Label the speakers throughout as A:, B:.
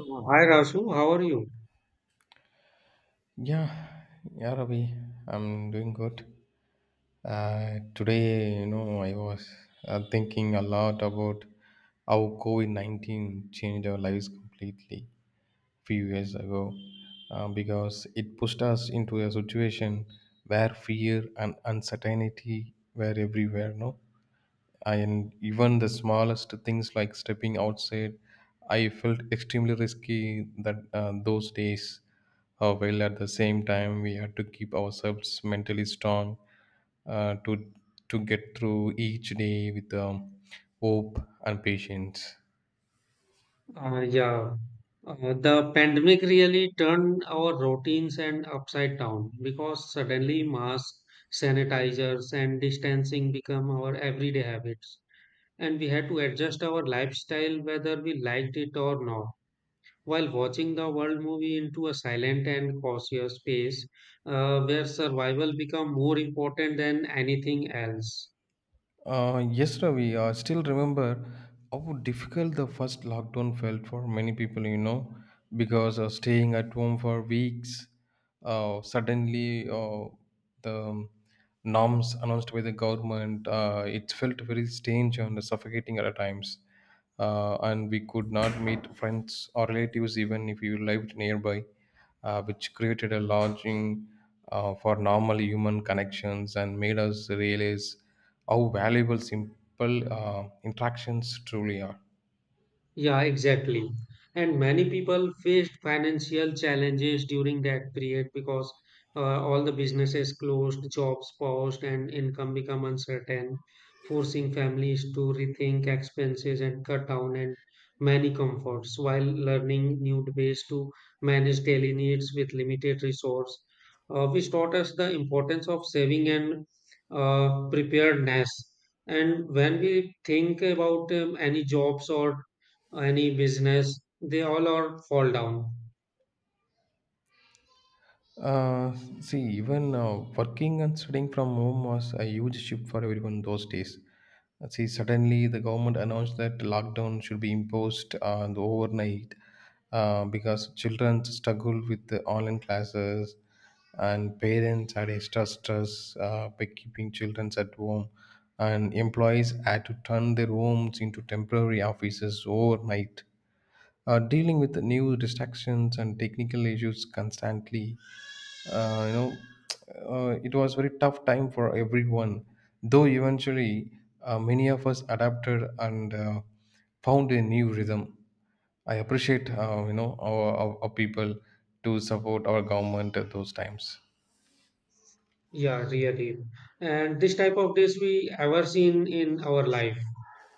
A: Hi Rasu, how are you?
B: Yeah, yeah, Ravi, I'm doing good. Today, you know, I was thinking a lot about how COVID 19 changed our lives completely few years ago, because it pushed us into a situation where fear and uncertainty were everywhere, no? And even the smallest things like stepping outside I felt extremely risky that those days, while at the same time we had to keep ourselves mentally strong uh, to to get through each day with hope and patience.
A: Uh, yeah, the pandemic really turned our routines and upside down because suddenly masks, sanitizers, and distancing become our everyday habits, and we had to adjust our lifestyle whether we liked it or not. While watching the world movie into a silent and cautious space, where survival become more important than anything else.
B: Yes, Ravi. I still remember how difficult the first lockdown felt for many people, you know, because staying at home for weeks, suddenly the norms announced by the government, it felt very strange and suffocating at times, and we could not meet friends or relatives even if you lived nearby, which created a lodging for normal human connections and made us realize how valuable simple interactions truly are.
A: Yeah, exactly. And many people faced financial challenges during that period because all the businesses closed, jobs paused, and income become uncertain, forcing families to rethink expenses and cut down and many comforts while learning new ways to manage daily needs with limited resource, which taught us the importance of saving and preparedness. And when we think about any jobs or any business, they all are fall down.
B: Uh, see, even working and studying from home was a huge shift for everyone those days. See, suddenly the government announced that lockdown should be imposed overnight, because children struggled with the online classes and parents had extra stress by keeping children at home. And employees had to turn their homes into temporary offices overnight. Dealing with the new distractions and technical issues constantly, you know, it was very tough time for everyone, though eventually many of us adapted and found a new rhythm. I appreciate, you know, our people, to support our government at those times.
A: Yeah, really. And this type of days we ever seen in our life.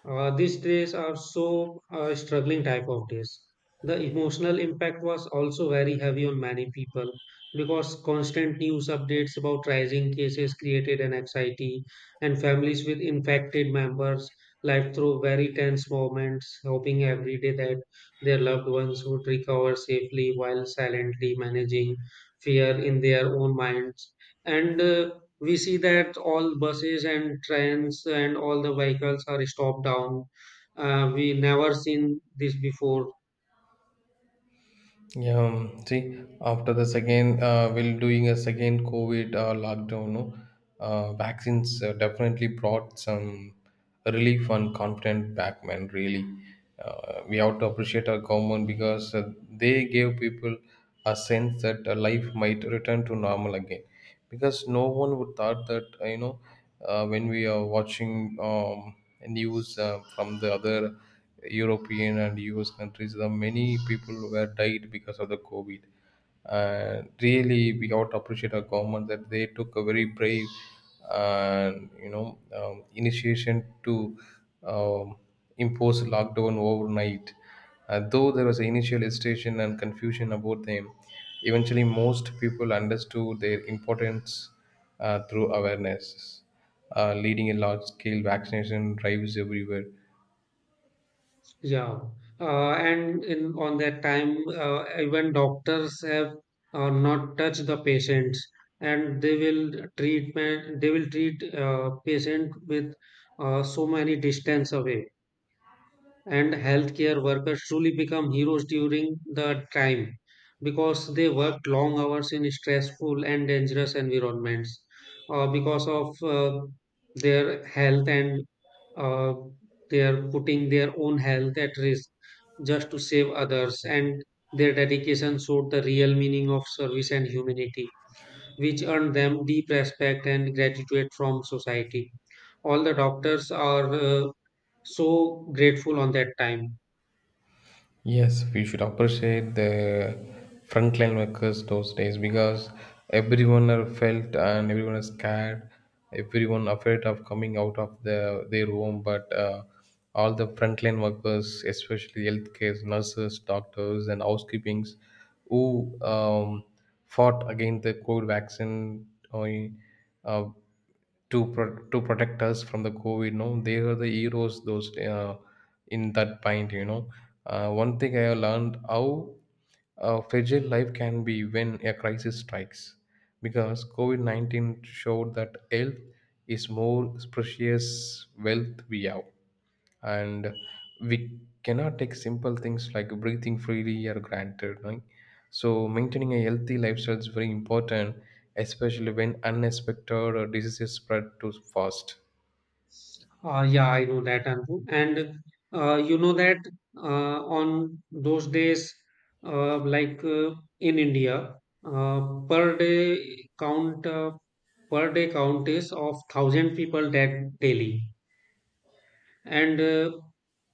A: These days are so struggling type of days. The emotional impact was also very heavy on many people because constant news updates about rising cases created an anxiety, and families with infected members lived through very tense moments, hoping every day that their loved ones would recover safely while silently managing fear in their own minds, and we see that all buses and trains and all the vehicles are stopped down. We never seen this before.
B: Yeah, see, after the second, we'll doing a second COVID lockdown, no? Vaccines definitely brought some relief and confident back, man. Really, we have to appreciate our government because they gave people a sense that life might return to normal again, because no one would thought that, when we are watching news from the other European and US countries, the many people were died because of the COVID. And really, we ought to appreciate our government that they took a very brave and, you know, initiation to um, impose lockdown overnight, though there was initial hesitation and confusion about them, eventually most people understood their importance through awareness, leading a large-scale vaccination drives everywhere.
A: Yeah. And in on that time, even doctors have not touched the patients, and they will treatment they will treat patient with so many distance away, and healthcare workers truly become heroes during the time because they worked long hours in stressful and dangerous environments because of their health and uh, they are putting their own health at risk just to save others, and their dedication showed the real meaning of service and humanity, which earned them deep respect and gratitude from society. All the doctors are so grateful on that time.
B: Yes, we should appreciate the frontline workers those days, because everyone are felt and everyone is scared, everyone afraid of coming out of the, their home. But all the frontline workers, especially healthcare nurses, doctors, and housekeepings, who fought against the COVID vaccine, uh, to protect us from the COVID. No, they are the heroes. Those In that point, you know, one thing I have learned how fragile life can be when a crisis strikes, because COVID 19 showed that health is more precious wealth we have, and we cannot take simple things like breathing freely or granted, right? So maintaining a healthy lifestyle is very important, especially when unexpected or diseases spread too fast.
A: Yeah, I know that, Anju. And you know that on those days, uh, like uh, in India, uh, per day count per day count is of thousand people that daily, and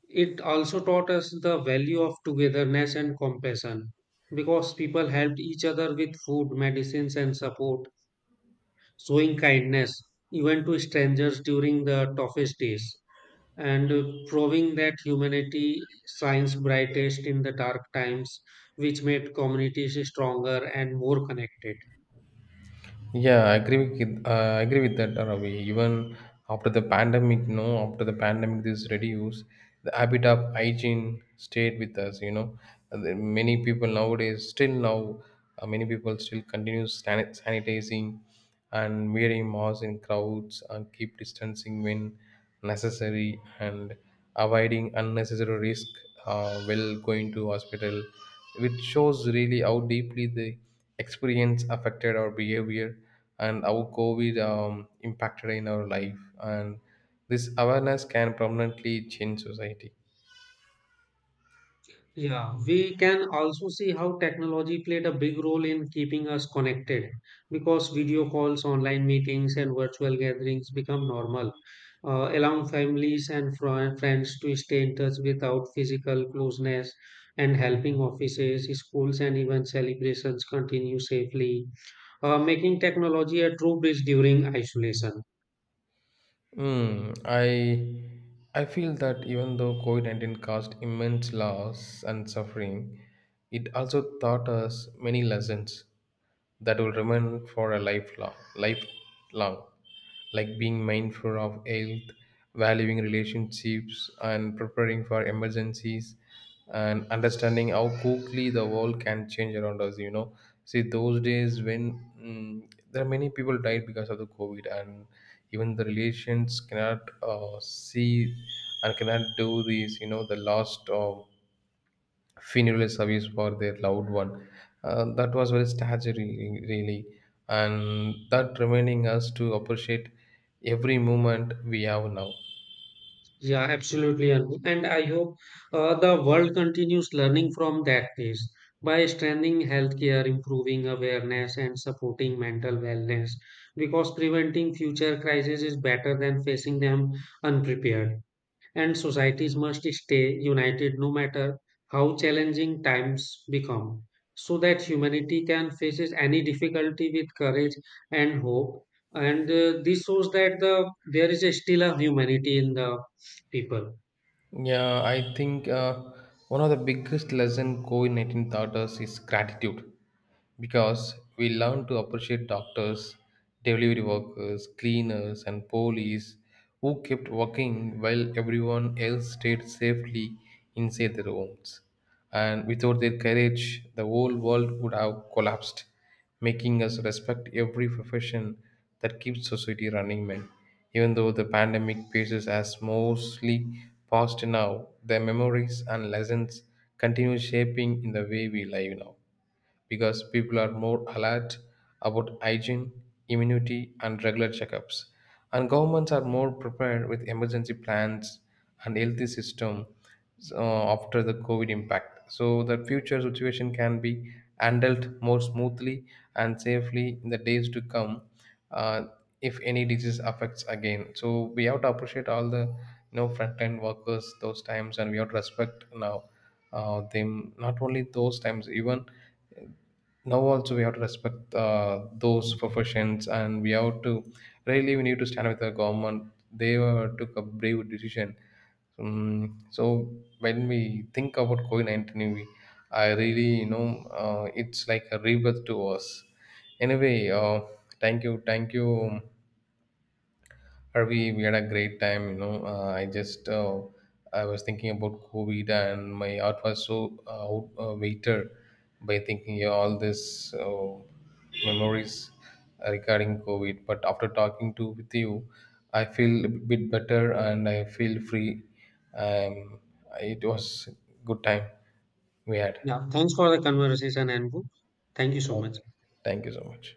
A: it also taught us the value of togetherness and compassion because people helped each other with food, medicines, and support, showing kindness even to strangers during the toughest days, and proving that humanity shines brightest in the dark times, which made communities stronger and more connected.
B: Yeah, I agree with that, Ravi. Even after the pandemic, you know, after the pandemic, this reduced the habit of hygiene stayed with us. You know. And then many people nowadays still now, many people still continue sanitizing and wearing masks in crowds and keep distancing when necessary, and avoiding unnecessary risk while going to hospital, which shows really how deeply the experience affected our behavior, and how covid impacted in our life, and this awareness can permanently change society.
A: Yeah, we can also see how technology played a big role in keeping us connected because video calls, online meetings, and virtual gatherings become normal, allowing families and friends to stay in touch without physical closeness and helping offices, schools, and even celebrations continue safely, making technology a true bridge during isolation.
B: Hmm. I feel that even though COVID-19 caused immense loss and suffering, it also taught us many lessons that will remain for a lifelong, like being mindful of health, valuing relationships, and preparing for emergencies and understanding how quickly the world can change around us, you know. See those days when, there are many people died because of the covid, and even the relations cannot see and cannot do these, you know, the last funeral service for their loved one, that was very staggering really, and that reminding us to appreciate every moment we have now.
A: Yeah, absolutely. Arun. And I hope the world continues learning from that case by strengthening healthcare, improving awareness, and supporting mental wellness. Because preventing future crises is better than facing them unprepared, and societies must stay united no matter how challenging times become, so that humanity can face any difficulty with courage and hope. And this shows that there is a still a humanity in the people.
B: Yeah, I think one of the biggest lesson COVID-19 taught us is gratitude, because we learn to appreciate doctors, delivery workers, cleaners, and police who kept working while everyone else stayed safely inside their homes. And without their courage, the whole world would have collapsed, making us respect every profession that keeps society running, man. Even though the pandemic phases has mostly passed now, their memories and lessons continue shaping in the way we live now, because people are more alert about hygiene, immunity, and regular checkups. And governments are more prepared with emergency plans and healthy system, so after the COVID impact, so the future situation can be handled more smoothly and safely in the days to come, uh, if any disease affects again. So we have to appreciate all the, you know, front end workers those times, and we have to respect now, them, not only those times, even now also we have to respect those professions, and we have to, really we need to stand with the government, they took a brave decision. So when we think about covid-19 we, I really, you know, it's like a rebirth to us. Anyway, thank you. Uh, We had a great time, you know. I was thinking about COVID, and my heart was so weighted by thinking, yeah, all this memories regarding COVID. But after talking to with you, I feel a bit better and I feel free. Um, it was good time we had.
A: Yeah, thanks for the conversation, Anbu. Thank you so much.
B: Okay. Thank you so much.